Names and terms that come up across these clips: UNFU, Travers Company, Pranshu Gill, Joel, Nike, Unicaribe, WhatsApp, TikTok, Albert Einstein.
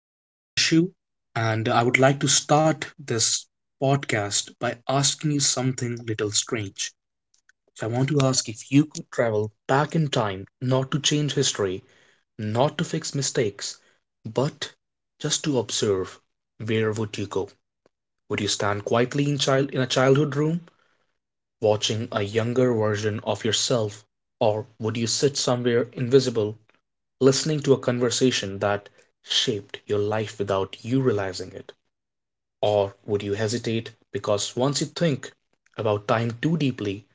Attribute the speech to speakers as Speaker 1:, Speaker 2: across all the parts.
Speaker 1: I'm Pranshu, and I would like to start this podcast by asking you something little strange. So, I want to ask if you could travel back in time, not to change history, not to fix mistakes, but just to observe, where would you go? Would you stand quietly in a childhood room, watching a younger version of yourself, or would you sit somewhere invisible listening to a conversation that shaped your life without you realizing it? Or would you hesitate because once you think about time too deeply,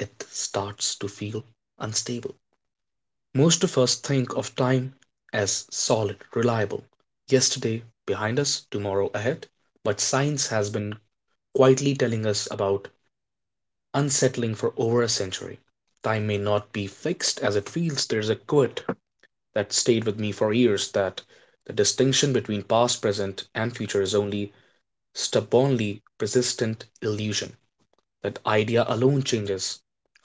Speaker 1: it starts to feel unstable? Most of us think of time as solid, reliable. Yesterday behind us, tomorrow ahead. But science has been quietly telling us about unsettling for over a century. Time may not be fixed as it feels. There's a quiet that stayed with me for years that the distinction between past, present, and future is only stubbornly persistent illusion. That idea alone changes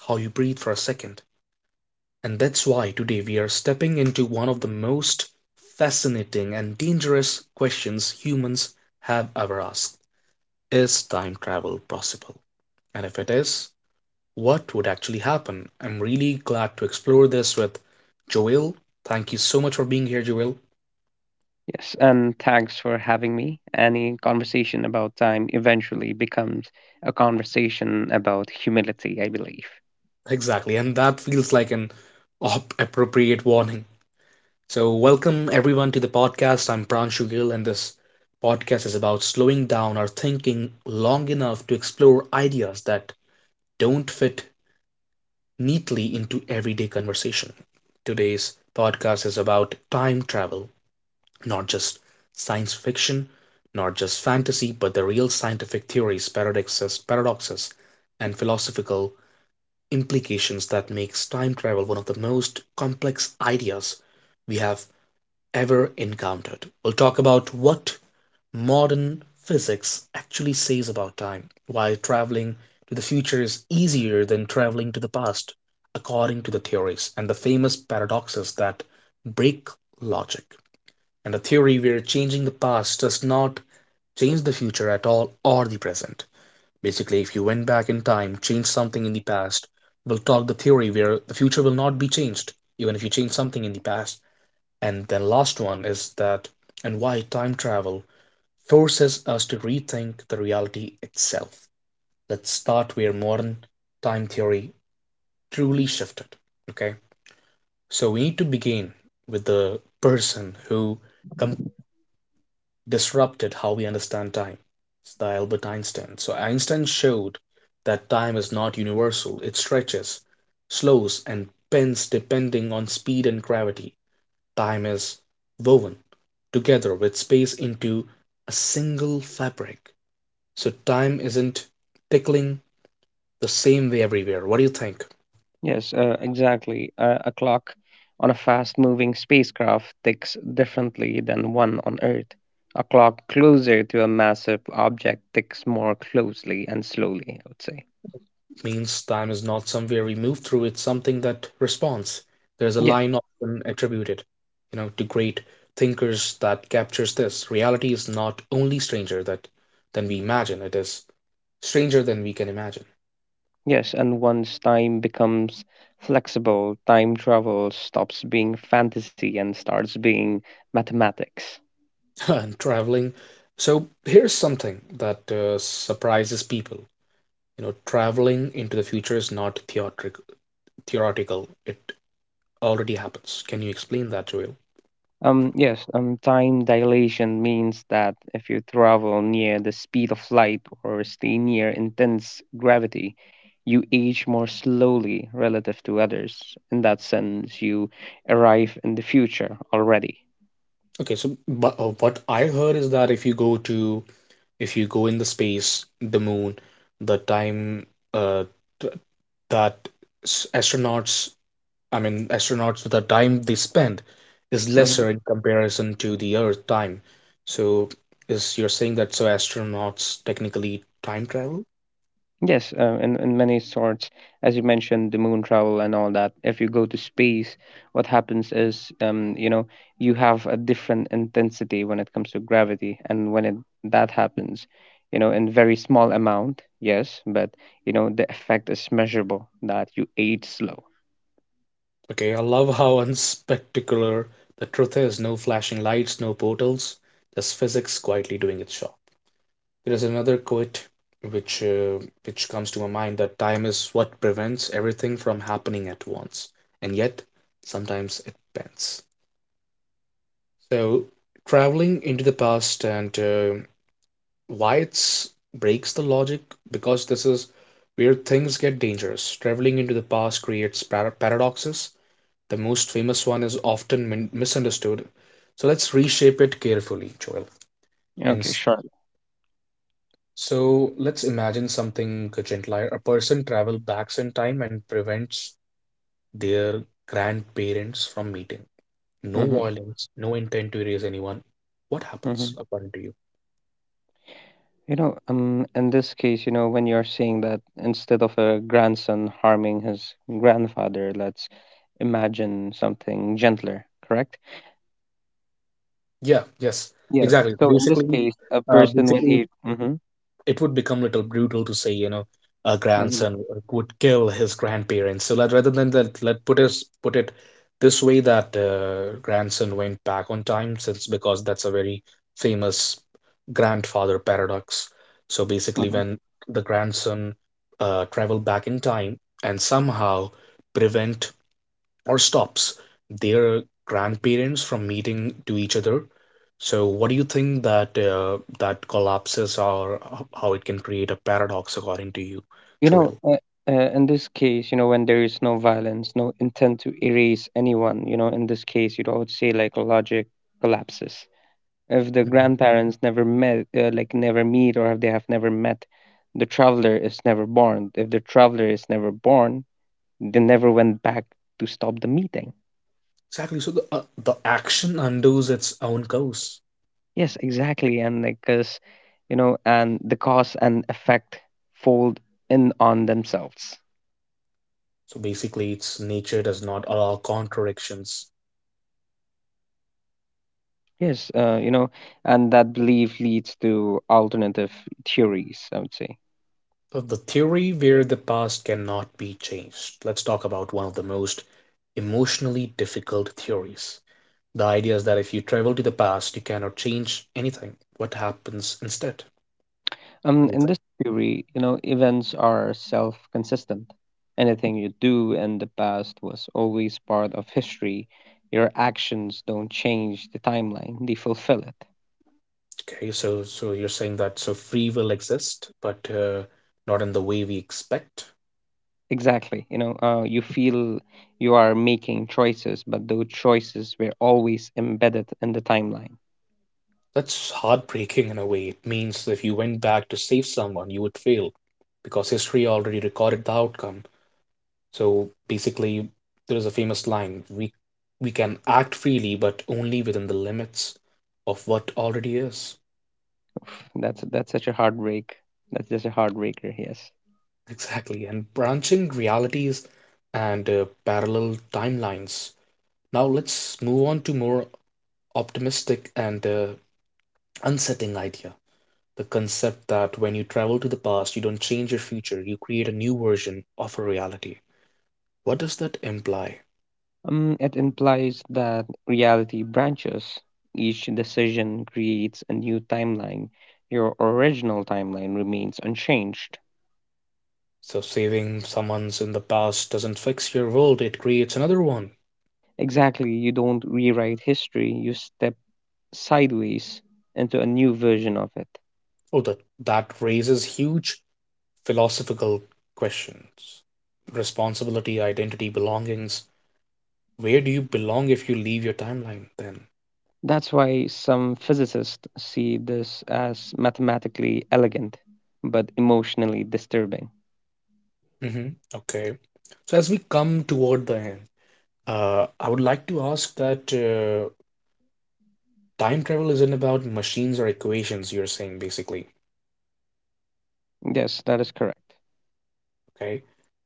Speaker 1: how you breathe for a second. And that's why today we are stepping into one of the most fascinating and dangerous questions humans have ever asked. Is time travel possible? And if it is, what would actually happen? I'm really glad to explore this with Joel. Thank you so much for being here, Joel.
Speaker 2: Yes, and thanks for having me. Any conversation about time eventually becomes a conversation about humility, I believe.
Speaker 1: Exactly, and that feels like an op appropriate warning. So, welcome everyone to the podcast. I'm Pranshu Gill, and this podcast is about slowing down our thinking long enough to explore ideas that don't fit neatly into everyday conversation. Today's podcast is about time travel, not just science fiction, not just fantasy, but the real scientific theories, paradoxes, and philosophical implications that makes time travel one of the most complex ideas we have ever encountered. We'll talk about what modern physics actually says about time, why traveling to the future is easier than traveling to the past, according to the theories, and the famous paradoxes that break logic, and the theory where changing the past does not change the future at all or the present. Basically, if you went back in time, changed something in the past, we'll talk the theory where the future will not be changed, even if you change something in the past. And then last one is that and why time travel forces us to rethink the reality itself. Let's start where modern time theory truly shifted. Okay. So we need to begin with the person who com disrupted how we understand time. It's the Albert Einstein. So Einstein showed that time is not universal. It stretches, slows, and bends depending on speed and gravity. Time is woven together with space into a single fabric. So time isn't tickling the same way everywhere. What do you think?
Speaker 2: Yes, exactly. A clock on a fast moving spacecraft ticks differently than one on Earth. A clock closer to a massive object ticks more closely and slowly, I would say.
Speaker 1: Means time is not somewhere we move through, it's something that responds. There's a
Speaker 2: Yeah,
Speaker 1: line often attributed, you know, to great thinkers that captures this. Reality is not only stranger that than we imagine, it is stranger than we can imagine.
Speaker 2: yes, and once time becomes flexible, time travel stops being fantasy and starts being mathematics.
Speaker 1: And traveling. So here's something that surprises people. You know, traveling into the future is not theoretical. It already happens. Can you explain that, Joel?
Speaker 2: Yes, time dilation means that if you travel near the speed of light or stay near intense gravity, you age more slowly relative to others. In that sense, you arrive in the future already.
Speaker 1: Okay, so but, what I heard is that if you go in the space, the moon, the time uh, th- that astronauts, I mean, astronauts, the time they spend is
Speaker 2: Mm-hmm.
Speaker 1: lesser in comparison to the Earth time. So, is you're saying that so astronauts technically time travel?
Speaker 2: Yes, in many sorts, as you mentioned, the moon travel and all that. If you go to space, what happens is, you have a different intensity when it comes to gravity, and when it that happens, in very small amount, yes, but the effect is measurable that you ate slow.
Speaker 1: Okay, I love how unspectacular the truth is. No flashing lights, no portals, just physics quietly doing its job. There is another quote which uh, which comes to my mind that time is what prevents everything from happening at once, and yet sometimes it bends. So traveling into the past and why it's breaks the logic because this is where things get dangerous. Traveling into the past creates paradoxes. The most famous one is often misunderstood. So let's reshape it carefully, Joel. In
Speaker 2: Okay, sure.
Speaker 1: So let's imagine something gentler. A person travels back in time and prevents their grandparents from meeting. No
Speaker 2: Mm-hmm,
Speaker 1: violence, no intent to erase anyone. What
Speaker 2: mm-hmm.
Speaker 1: happens according to you?
Speaker 2: In this case, when you're saying that instead of a grandson harming his grandfather, let's imagine something gentler, correct?
Speaker 1: Yeah, yes,
Speaker 2: Yeah, yeah.
Speaker 1: exactly.
Speaker 2: So in this
Speaker 1: Basically,
Speaker 2: case, a
Speaker 1: uh,
Speaker 2: person when
Speaker 1: basically
Speaker 2: he,
Speaker 1: it would become a little brutal to say, you know, a
Speaker 2: hmm
Speaker 1: grandson would kill his grandparents. So let, rather than that, let put us put it this way that grandson went back on time, since because that's a very famous grandfather paradox. So basically, when the grandson travel back in time and somehow prevent or stops their grandparents from meeting to each other. So, what do you think that that collapses or how it can create a paradox according to you,
Speaker 2: you know,
Speaker 1: Joel?
Speaker 2: uh, in this case, when there is no violence, no intent to erase anyone, in this case, I would say like logic collapses. If the
Speaker 1: Mhm.
Speaker 2: grandparents never met, like never meet, or if they have never met, the traveler is never born. If the traveler is never born, they never went back to stop the meeting.
Speaker 1: Exactly. So the action undoes its own course.
Speaker 2: Yes, exactly. And like, and the cause and effect fold in on themselves.
Speaker 1: So basically, its nature does not allow contradictions.
Speaker 2: Yes, and that belief leads to alternative theories, I would say.
Speaker 1: So the theory where the past cannot be changed. Let's talk about one of the most emotionally difficult theories. The idea is that if you travel to the past, you cannot change anything. What happens instead? What do you
Speaker 2: In
Speaker 1: think?
Speaker 2: this theory, events are self consistent. Anything you do in the past was always part of history. Your actions don't change the timeline, they fulfill it.
Speaker 1: Okay, so so you're saying that so free will exists, but not in the way we expect.
Speaker 2: Exactly. You feel you are making choices, but those choices were always embedded in the timeline.
Speaker 1: That's heartbreaking in a way. It means that if you went back to save someone, you would fail because history already recorded the outcome. So basically, there is a famous line: we can act freely, but only within the limits of what already is.
Speaker 2: Oof, that's such a heartbreak. That's just a heartbreaker. Yes.
Speaker 1: Exactly, and branching realities and parallel timelines. Now let's move on to more optimistic and unsettling idea. The concept that when you travel to the past, you don't change your future, you create a new version of a reality. What does that imply?
Speaker 2: It implies that reality branches. Each decision creates a new timeline. Your original timeline remains unchanged.
Speaker 1: So saving someone's in the past doesn't fix your world, it creates another one.
Speaker 2: Exactly, you don't rewrite history, you step sideways into a new version of it.
Speaker 1: Oh, that raises huge philosophical questions. Responsibility, identity, belongings, where do you belong if you leave your timeline then?
Speaker 2: That's why some physicists see this as mathematically elegant, but emotionally disturbing.
Speaker 1: Hmm. Okay. So as we come toward the end, I would like to ask that time travel isn't about machines or equations, you're saying basically.
Speaker 2: Yes, that is correct.
Speaker 1: Okay.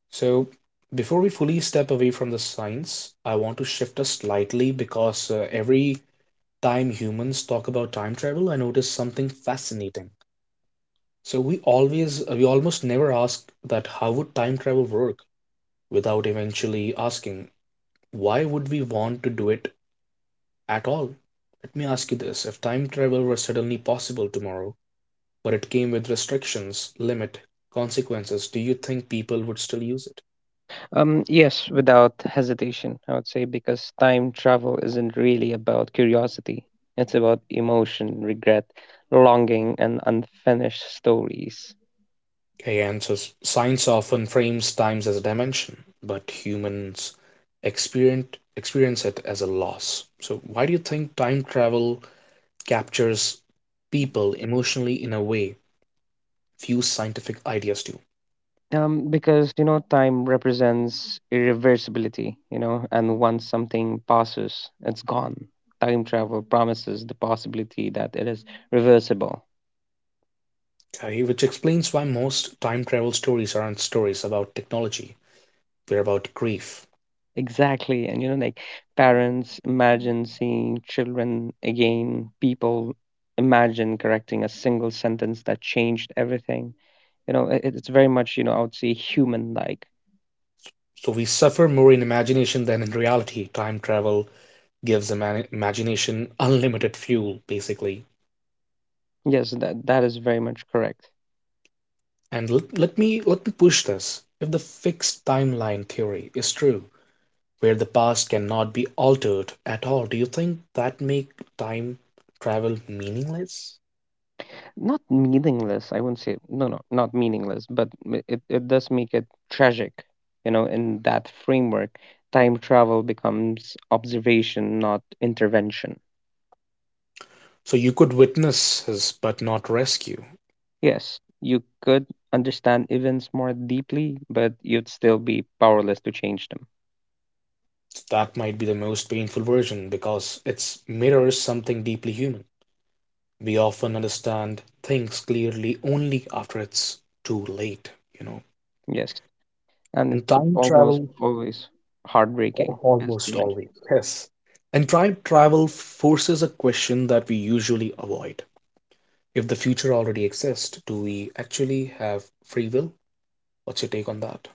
Speaker 1: So before we fully step away from the science, I want to shift us slightly because every time humans talk about time travel, I notice something fascinating. So we almost never ask that how would time travel work without eventually asking why would we want to do it at all? Let me ask you this if time travel were suddenly possible tomorrow, but it came with restrictions, limit, consequences, do you think people would still use it?
Speaker 2: Yes, without hesitation, I would say, because time travel isn't really about curiosity. It's about emotion, regret, longing, and unfinished stories.
Speaker 1: Kay answers Science often frames time as a dimension, but humans experience, experience it as a loss. So, why do you think time travel captures people emotionally in a way few scientific ideas do?
Speaker 2: Because time represents irreversibility, and once something passes, it's gone. Time travel promises the possibility that it is reversible.
Speaker 1: Okay, which explains why most time travel stories aren't stories about technology. They're about grief.
Speaker 2: Exactly. And like parents imagine seeing children again, people imagine correcting a single sentence that changed everything. It's very much, I would say human like.
Speaker 1: So we suffer more in imagination than in reality. Time travel gives imagination unlimited fuel, basically.
Speaker 2: Yes, that is very much correct.
Speaker 1: And let me push this. If the fixed timeline theory is true, where the past cannot be altered at all, do you think that make time travel meaningless?
Speaker 2: Not meaningless, I wouldn't say. No, no, not meaningless, but it does make it tragic. In that framework, time travel becomes observation, not intervention.
Speaker 1: So you could witness his but not rescue.
Speaker 2: Yes, you could understand events more deeply, but you'd still be powerless to change them.
Speaker 1: That might be the most painful version because it mirrors something deeply human. We often understand things clearly only after it's too late, you know.
Speaker 2: Yes, and
Speaker 1: In
Speaker 2: it's
Speaker 1: time
Speaker 2: almost
Speaker 1: travel,
Speaker 2: always heartbreaking, as you
Speaker 1: almost
Speaker 2: mentioned.
Speaker 1: always, yes. And time travel forces a question that we usually avoid. If the future already exists, do we actually have free will? What's your take on that?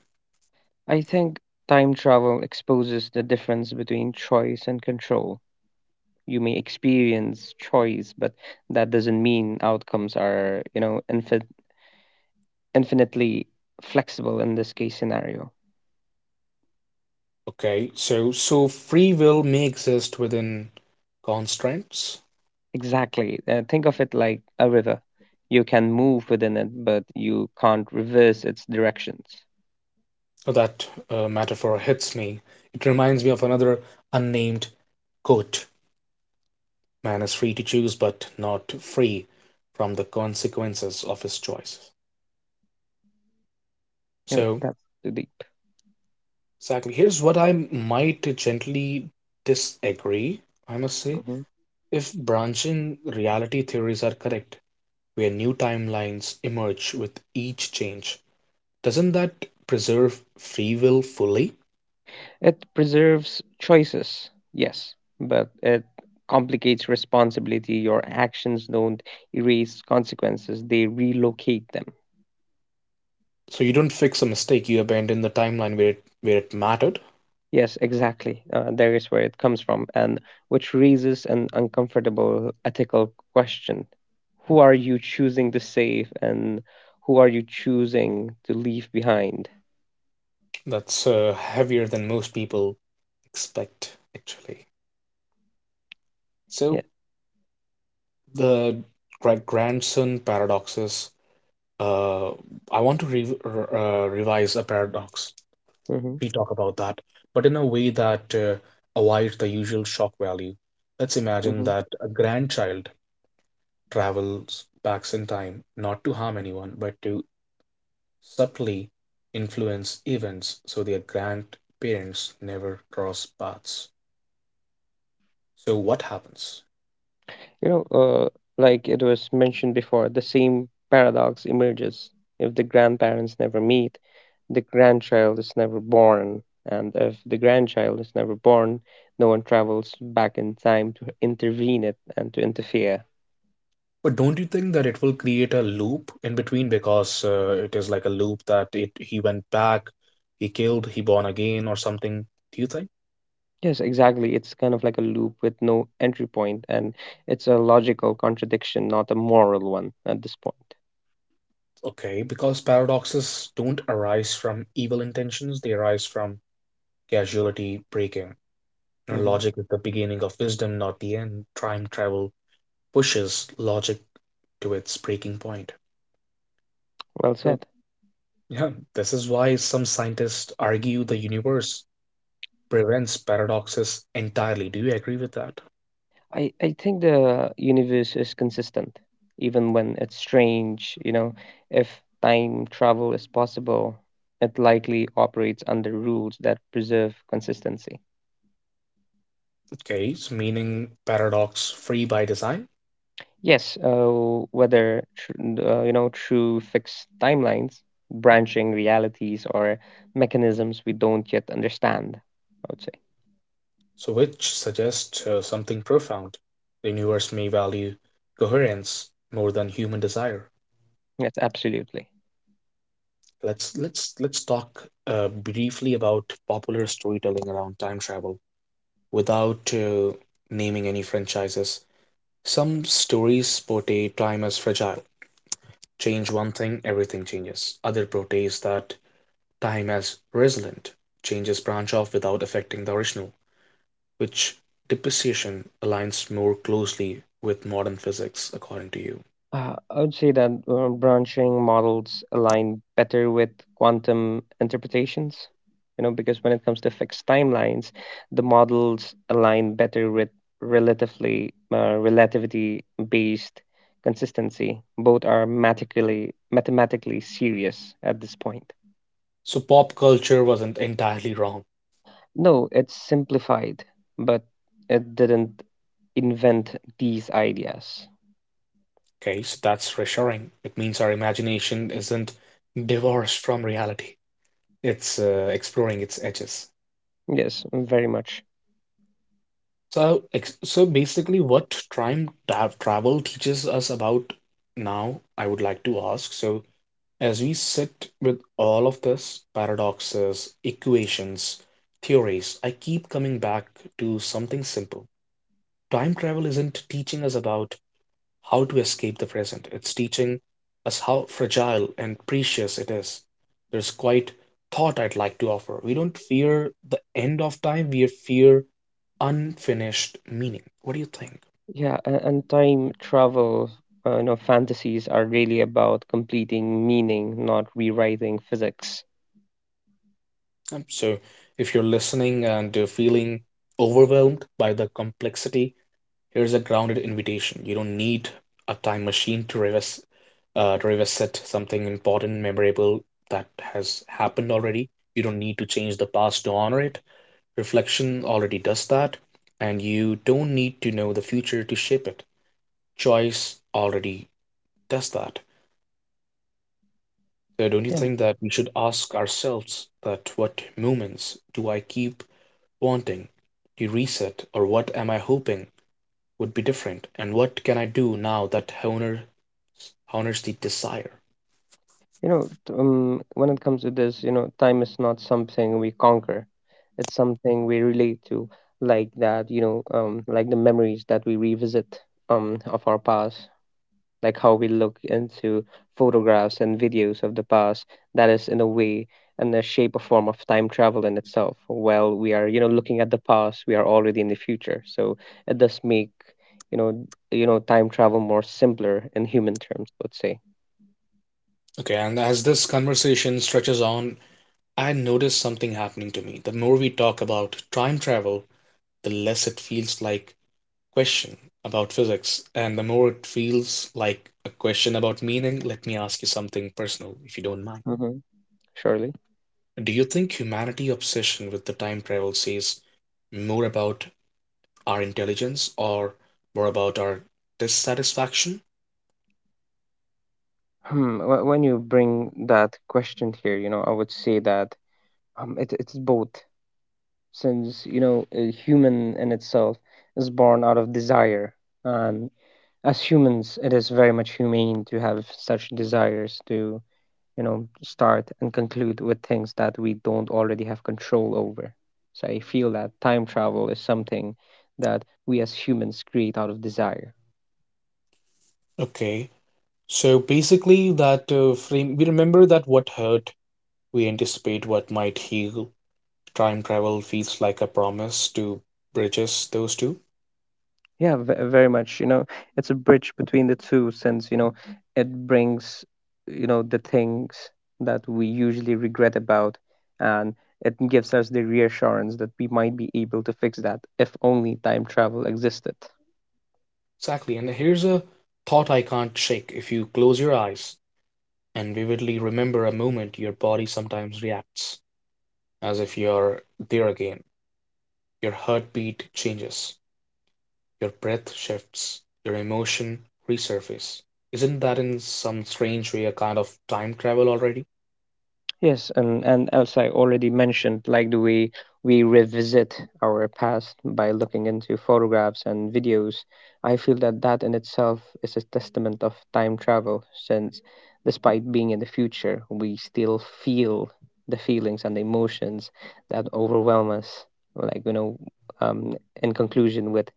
Speaker 2: I think time travel exposes the difference between choice and control. You may experience choice, but that doesn't mean outcomes are, infinitely flexible in this case scenario.
Speaker 1: Okay, so so free will may exist within constraints,
Speaker 2: Exactly. Think of it like a river. You can move within it, but you can't reverse its directions.
Speaker 1: that metaphor hits me. It reminds me of another unnamed quote Man is free to choose, but not free from the consequences of his choices.
Speaker 2: If
Speaker 1: So,
Speaker 2: that's too deep.
Speaker 1: exactly, here's what I might gently disagree, I must say.
Speaker 2: Mhm.
Speaker 1: If branching reality theories are correct, where new timelines emerge with each change, doesn't that preserve free will fully?
Speaker 2: It preserves choices, yes, but it complicates responsibility. Your actions don't erase consequences, they relocate them.
Speaker 1: So you don't fix a mistake, you abandon the timeline where it mattered.
Speaker 2: Yes, exactly. There is where it comes from, and which raises an uncomfortable ethical question: who are you choosing to save, and who are you choosing to leave behind?
Speaker 1: That's heavier than most people expect, actually.
Speaker 2: Yeah.
Speaker 1: So the grandson paradoxes uh, I want to revise a paradox.
Speaker 2: hmm
Speaker 1: We talk about that, but in a way that avoids the usual shock value. Let's imagine that a grandchild travels back in time, not to harm anyone, but to subtly influence events so their grandparents never cross paths. So, what happens?
Speaker 2: You know, uh, like it was mentioned before, the same paradox emerges if the grandparents never meet, the grandchild is never born, and if the grandchild is never born, no one travels back in time to intervene it and to interfere.
Speaker 1: But don't you think that it will create a loop in between because it is like a loop that it he went back, he killed, he born again or something? Do you think?
Speaker 2: Yes, exactly. It's kind of like a loop with no entry point, and it's a logical contradiction, not a moral one at this point.
Speaker 1: Okay, because paradoxes don't arise from evil intentions, they arise from causality breaking. And
Speaker 2: hmm
Speaker 1: logic is the beginning of wisdom, not the end. Time travel pushes logic to its breaking point.
Speaker 2: Well
Speaker 1: So,
Speaker 2: said.
Speaker 1: yeah, this is why some scientists argue the universe prevents paradoxes entirely. Do you agree with that?
Speaker 2: I think the universe is consistent, even when it's strange. If time travel is possible, it likely operates under rules that preserve consistency.
Speaker 1: Case, meaning paradox free by design,
Speaker 2: Yes, whether through fixed timelines, branching realities, or mechanisms we don't yet understand, I would say.
Speaker 1: so which suggests something profound. The universe may value coherence more than human desire.
Speaker 2: Yes, absolutely.
Speaker 1: Let's talk briefly about popular storytelling around time travel without naming any franchises. Some stories portray time as fragile. Change one thing, everything changes. Other portrays that time as resilient. Changes branch off without affecting the original. Which depreciation aligns more closely with modern physics, according to you?
Speaker 2: I would say that branching models align better with quantum interpretations, because when it comes to fixed timelines, the models align better with relatively relativity-based consistency. Both are mathematically serious at this point.
Speaker 1: So pop culture wasn't entirely wrong.
Speaker 2: No, it's simplified, but it didn't invent these ideas.
Speaker 1: Okay, so that's reassuring. It means our imagination isn't divorced from reality. It's exploring its edges.
Speaker 2: Yes, very much.
Speaker 1: So basically, what time travel teaches us about now, I would like to ask. So, as we sit with all of this paradoxes, equations, theories, I keep coming back to something simple. Time travel isn't teaching us about how to escape the present, it's teaching us how fragile and precious it is. There's quite thought I'd like to offer. We don't fear the end of time, we fear unfinished meaning. What do you think?
Speaker 2: Yeah, and time travel, fantasies are really about completing meaning, not rewriting physics.
Speaker 1: So, if you're listening and you're feeling overwhelmed by the complexity, here's a grounded invitation. You don't need a time machine to revisit something important, memorable that has happened already. You don't need to change the past to honor it. Reflection already does that, and you don't need to know the future to shape it. Choice already does that. So don't you
Speaker 2: Yeah.
Speaker 1: think that we should ask ourselves that what moments do I keep wanting to reset, or what am I hoping would be different, and what can I do now that honors the desire.
Speaker 2: When it comes to this, time is not something we conquer. It's something we relate to, like that, like the memories that we revisit, of our past. Like how we look into photographs and videos of the past, that is in a way and a shape or form of time travel in itself. While we are looking at the past, we are already in the future, so it does make you know time travel more simpler in human terms, I would say.
Speaker 1: Okay, and as this conversation stretches on, I notice something happening to me. The more we talk about time travel, the less it feels like a question about physics and the more it feels like a question about meaning. Let me ask you something personal if you don't mind.
Speaker 2: Mm-hmm. Surely.
Speaker 1: Do you think humanity obsession with the time travel says more about our intelligence or more about our dissatisfaction?
Speaker 2: When you bring that question here, I would say that it's both, since, a human in itself is born out of desire. And as humans, it is very much humane to have such desires to start and conclude with things that we don't already have control over. So I feel that time travel is something that we as humans create out of desire.
Speaker 1: Okay. So basically that frame we remember that what hurt. We anticipate what might heal. Time travel feels like a promise to bridges those two.
Speaker 2: Yeah, very much. It's a bridge between the two, since, it brings, the things that we usually regret about, and it gives us the reassurance that we might be able to fix that if only time travel existed.
Speaker 1: Exactly. And here's a thought I can't shake. If you close your eyes and vividly remember a moment, your body sometimes reacts as if you're there again. Your heartbeat changes, your breath shifts, your emotion resurface. Isn't that in some strange way a kind of time travel already?
Speaker 2: Yes, and as I already mentioned, like the way we revisit our past by looking into photographs and videos, I feel that that in itself is a testament of time travel, since despite being in the future, we still feel the feelings and the emotions that overwhelm us. Like um, in conclusion, with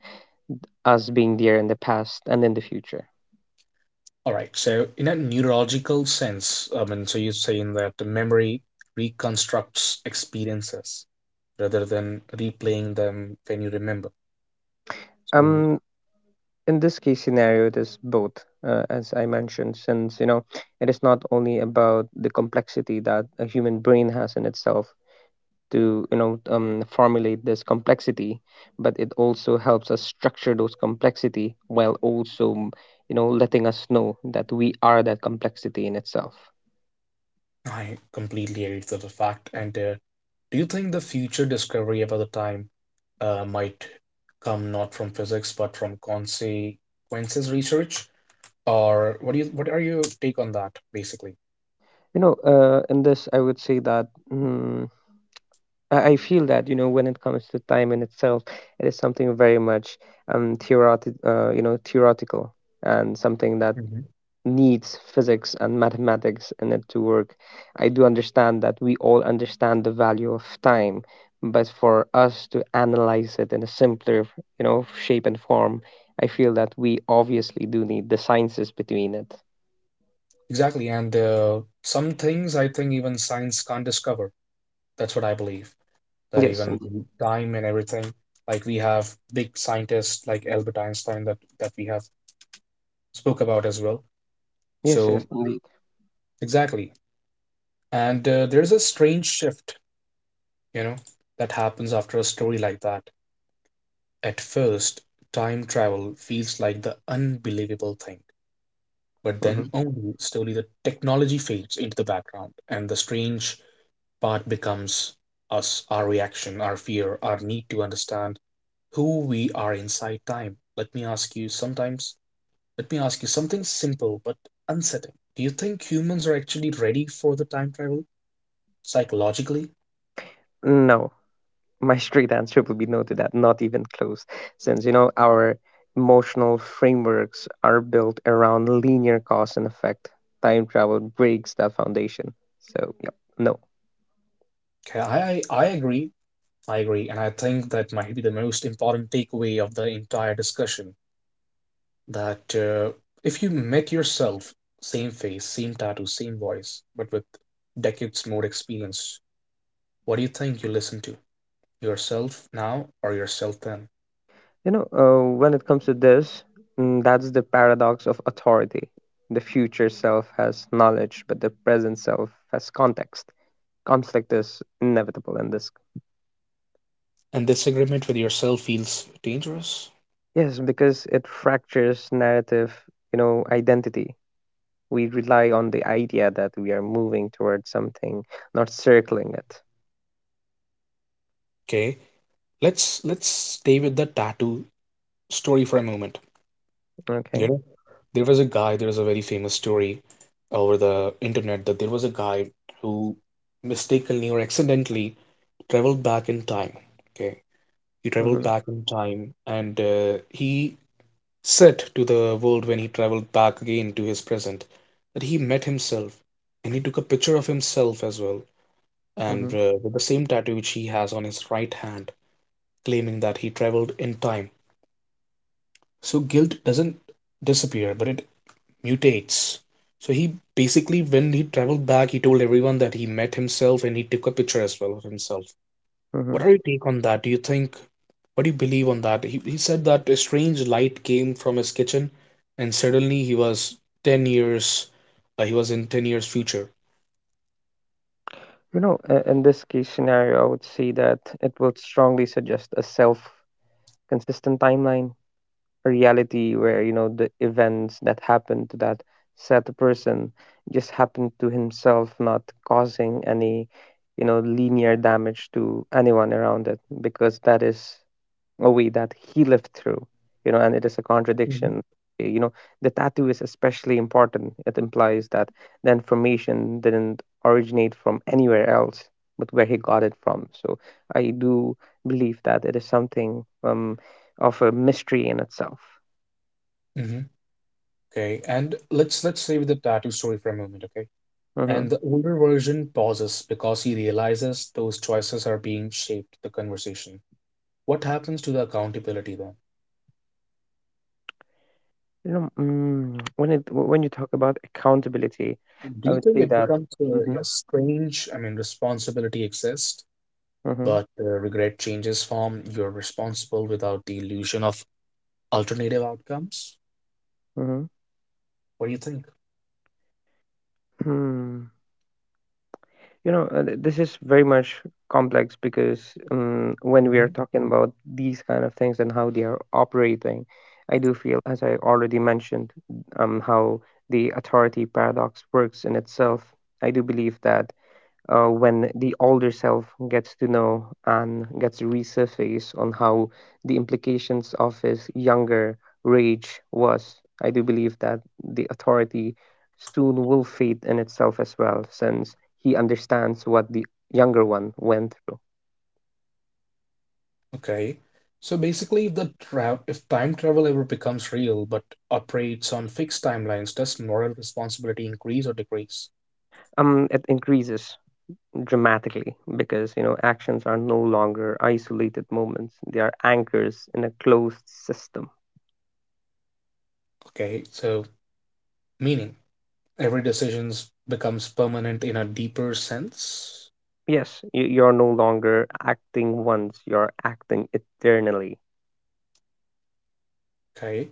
Speaker 2: us being there in the past and in the future.
Speaker 1: All right. So, in a neurological sense, I mean, so you're saying that the memory reconstructs experiences rather than replaying them when you remember. So, you,
Speaker 2: Um, in this case scenario, it is both, as I mentioned, since it is not only about the complexity that a human brain has in itself to formulate this complexity, but it also helps us structure those complexity while also, letting us know that we are that complexity in itself.
Speaker 1: I completely agree to the fact. And do you think the future discovery about the time might come not from physics but from consequences research? Or what do you, what are your take on that, basically?
Speaker 2: You know in this I would say that I feel that when it comes to time in itself, it is something very much theoretical and something that
Speaker 1: Mhm.
Speaker 2: needs physics and mathematics in it to work. I do understand that we all understand the value of time, but for us to analyze it in a simpler, shape and form, I feel that we obviously do need the sciences between it.
Speaker 1: Exactly. And some things I think even science can't discover. That's what I believe, that
Speaker 2: Yes,
Speaker 1: even the time and everything. Like we have big scientists like Albert Einstein that we have spoke about as well.
Speaker 2: yes,
Speaker 1: So
Speaker 2: yes, indeed.
Speaker 1: exactly, and there's a strange shift, you know, that happens after a story like that. At first, time travel feels like the unbelievable thing, but then
Speaker 2: hmm
Speaker 1: only slowly the technology fades into the background and the strange part becomes us, our reaction, our fear, our need to understand who we are inside time. Let me ask you sometimes, let me ask you something simple but unsettling. Do you think humans are actually ready for the time travel psychologically?
Speaker 2: No. My straight answer will be no to that, not even close, since our emotional frameworks are built around linear cause and effect. Time travel breaks that foundation. So, yep, no.
Speaker 1: Okay, I agree. I agree. And I think that might be the most important takeaway of the entire discussion that if you met yourself, same face, same tattoo, same voice, but with decades more experience, what do you think you listen to? Yourself now or yourself then?
Speaker 2: When it comes to this, that's the paradox of authority. The future self has knowledge, but the present self has context. Conflict is inevitable in this.
Speaker 1: And this agreement with yourself feels dangerous.
Speaker 2: Yes, because it fractures narrative, identity we rely on the idea that we are moving towards something, not circling it.
Speaker 1: Okay, let's stay with the tattoo story for a moment. You
Speaker 2: Okay.
Speaker 1: know, there was a guy, there was a very famous story over the internet that there was a guy who mistakenly or accidentally traveled back in time. Okay, he traveled
Speaker 2: Mm-hmm.
Speaker 1: back in time and he said to the world when he traveled back again to his present that he met himself and he took a picture of himself as well, and
Speaker 2: Mm-hmm.
Speaker 1: with the same tattoo which he has on his right hand, claiming that he traveled in time. So guilt doesn't disappear, but it mutates. So he basically, when he traveled back, he told everyone that he met himself and he took a picture as well of himself. What
Speaker 2: Mm-hmm.
Speaker 1: are your take on that? Do you think, what do you believe on that? He said that a strange light came from his kitchen and suddenly he was 10 years, he was in 10 years future.
Speaker 2: In this case scenario, I would say that it would strongly suggest a self consistent timeline, a reality where, the events that happen to that said person just happened to himself, not causing any, linear damage to anyone around it, because that is a way that he lived through and it is a
Speaker 1: Mm-hmm.
Speaker 2: contradiction. Eh, you know the tattoo is especially important. It implies that the information didn't originate from anywhere else but where he got it from, so I do believe that it is something, of a mystery in itself.
Speaker 1: Mm-hmm. Okay, and let's stay with the tattoo story for a moment, okay?
Speaker 2: hmm
Speaker 1: And the older version pauses because he realizes those choices are being shaped the conversation. What happens to the accountability then?
Speaker 2: you know mm, when it when you talk about accountability, I
Speaker 1: Do you
Speaker 2: would
Speaker 1: think
Speaker 2: say
Speaker 1: it
Speaker 2: that
Speaker 1: becomes
Speaker 2: hmm
Speaker 1: yeah, strange? I mean, responsibility exists,
Speaker 2: hmm
Speaker 1: but regret changes form. You're responsible without the illusion of alternative outcomes.
Speaker 2: hmm
Speaker 1: What do you think?
Speaker 2: hmm this is very much complex because when we are
Speaker 1: Mhm.
Speaker 2: talking about these kind of things and how they are operating, I do feel, as I already mentioned, how the authority paradox works in itself. I do believe that when the older self gets to know and gets to resurface on how the implications of his younger rage was. I do believe that the authority soon will fade in itself as well, since he understands what the younger one went through.
Speaker 1: Okay. So basically, if the if time travel ever becomes real but operates on fixed timelines, does moral responsibility increase or decrease?
Speaker 2: It increases dramatically because actions are no longer isolated moments; they are anchors in a closed system.
Speaker 1: Okay. So meaning every decisions becomes permanent in a deeper sense.
Speaker 2: Yes, you're no longer acting once, you're acting eternally.
Speaker 1: Okay,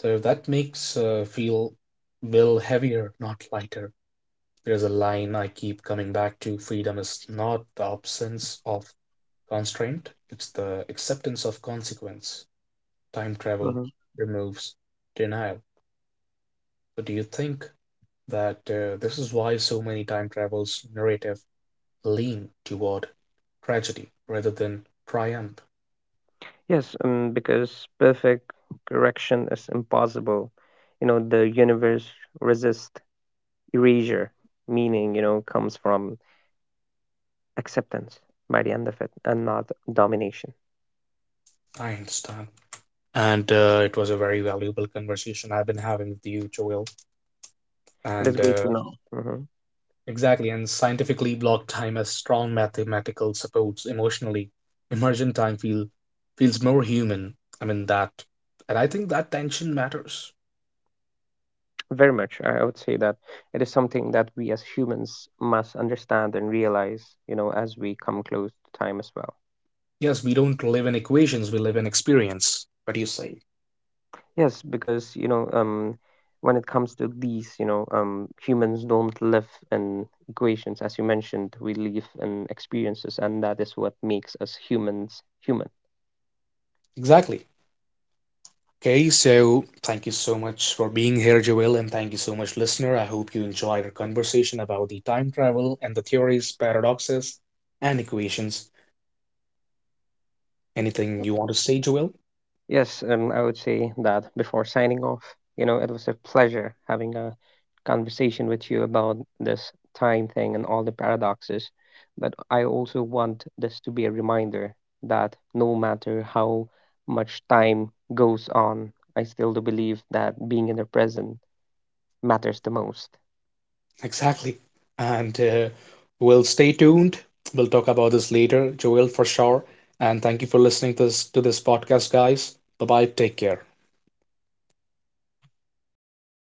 Speaker 1: so that makes feel will heavier, not lighter. There's a line I keep coming back to. Freedom is not the absence of constraint; it's the acceptance of consequence. Time travel
Speaker 2: hmm
Speaker 1: removes denial. But do you think that this is why so many time travels narrative lean toward tragedy rather than triumph?
Speaker 2: Yes, because perfect correction is impossible. The universe resists erasure, meaning, comes from acceptance by the end of it and not domination.
Speaker 1: I understand. And it was a very valuable conversation I've been having with you, Joel.
Speaker 2: It is
Speaker 1: And
Speaker 2: great to know. hmm
Speaker 1: exactly, and scientifically, block time has strong mathematical supports emotionally. Emergent time feels more human. I mean that, and I think that tension matters.
Speaker 2: Very much. I would say that it is something that we as humans must understand and realize, as we come close to time as well.
Speaker 1: Yes, we don't live in equations; we live in experience. What do you say?
Speaker 2: Yes, because when it comes to these, humans don't live in equations, as you mentioned. We live in experiences, and that is what makes us humans human.
Speaker 1: Exactly. Okay, so thank you so much for being here, Joel, and thank you so much, listener. I hope you enjoyed our conversation about the time travel and the theories, paradoxes, and equations. Anything you want to say, Joel?
Speaker 2: Yes, and I would say that before signing off, it was a pleasure having a conversation with you about this time thing and all the paradoxes. But I also want this to be a reminder that no matter how much time goes on, I still do believe that being in the present matters the most.
Speaker 1: Exactly. And we'll stay tuned. We'll talk about this later, Joel, for sure. And thank you for listening to this podcast, guys. Bye bye. Take care.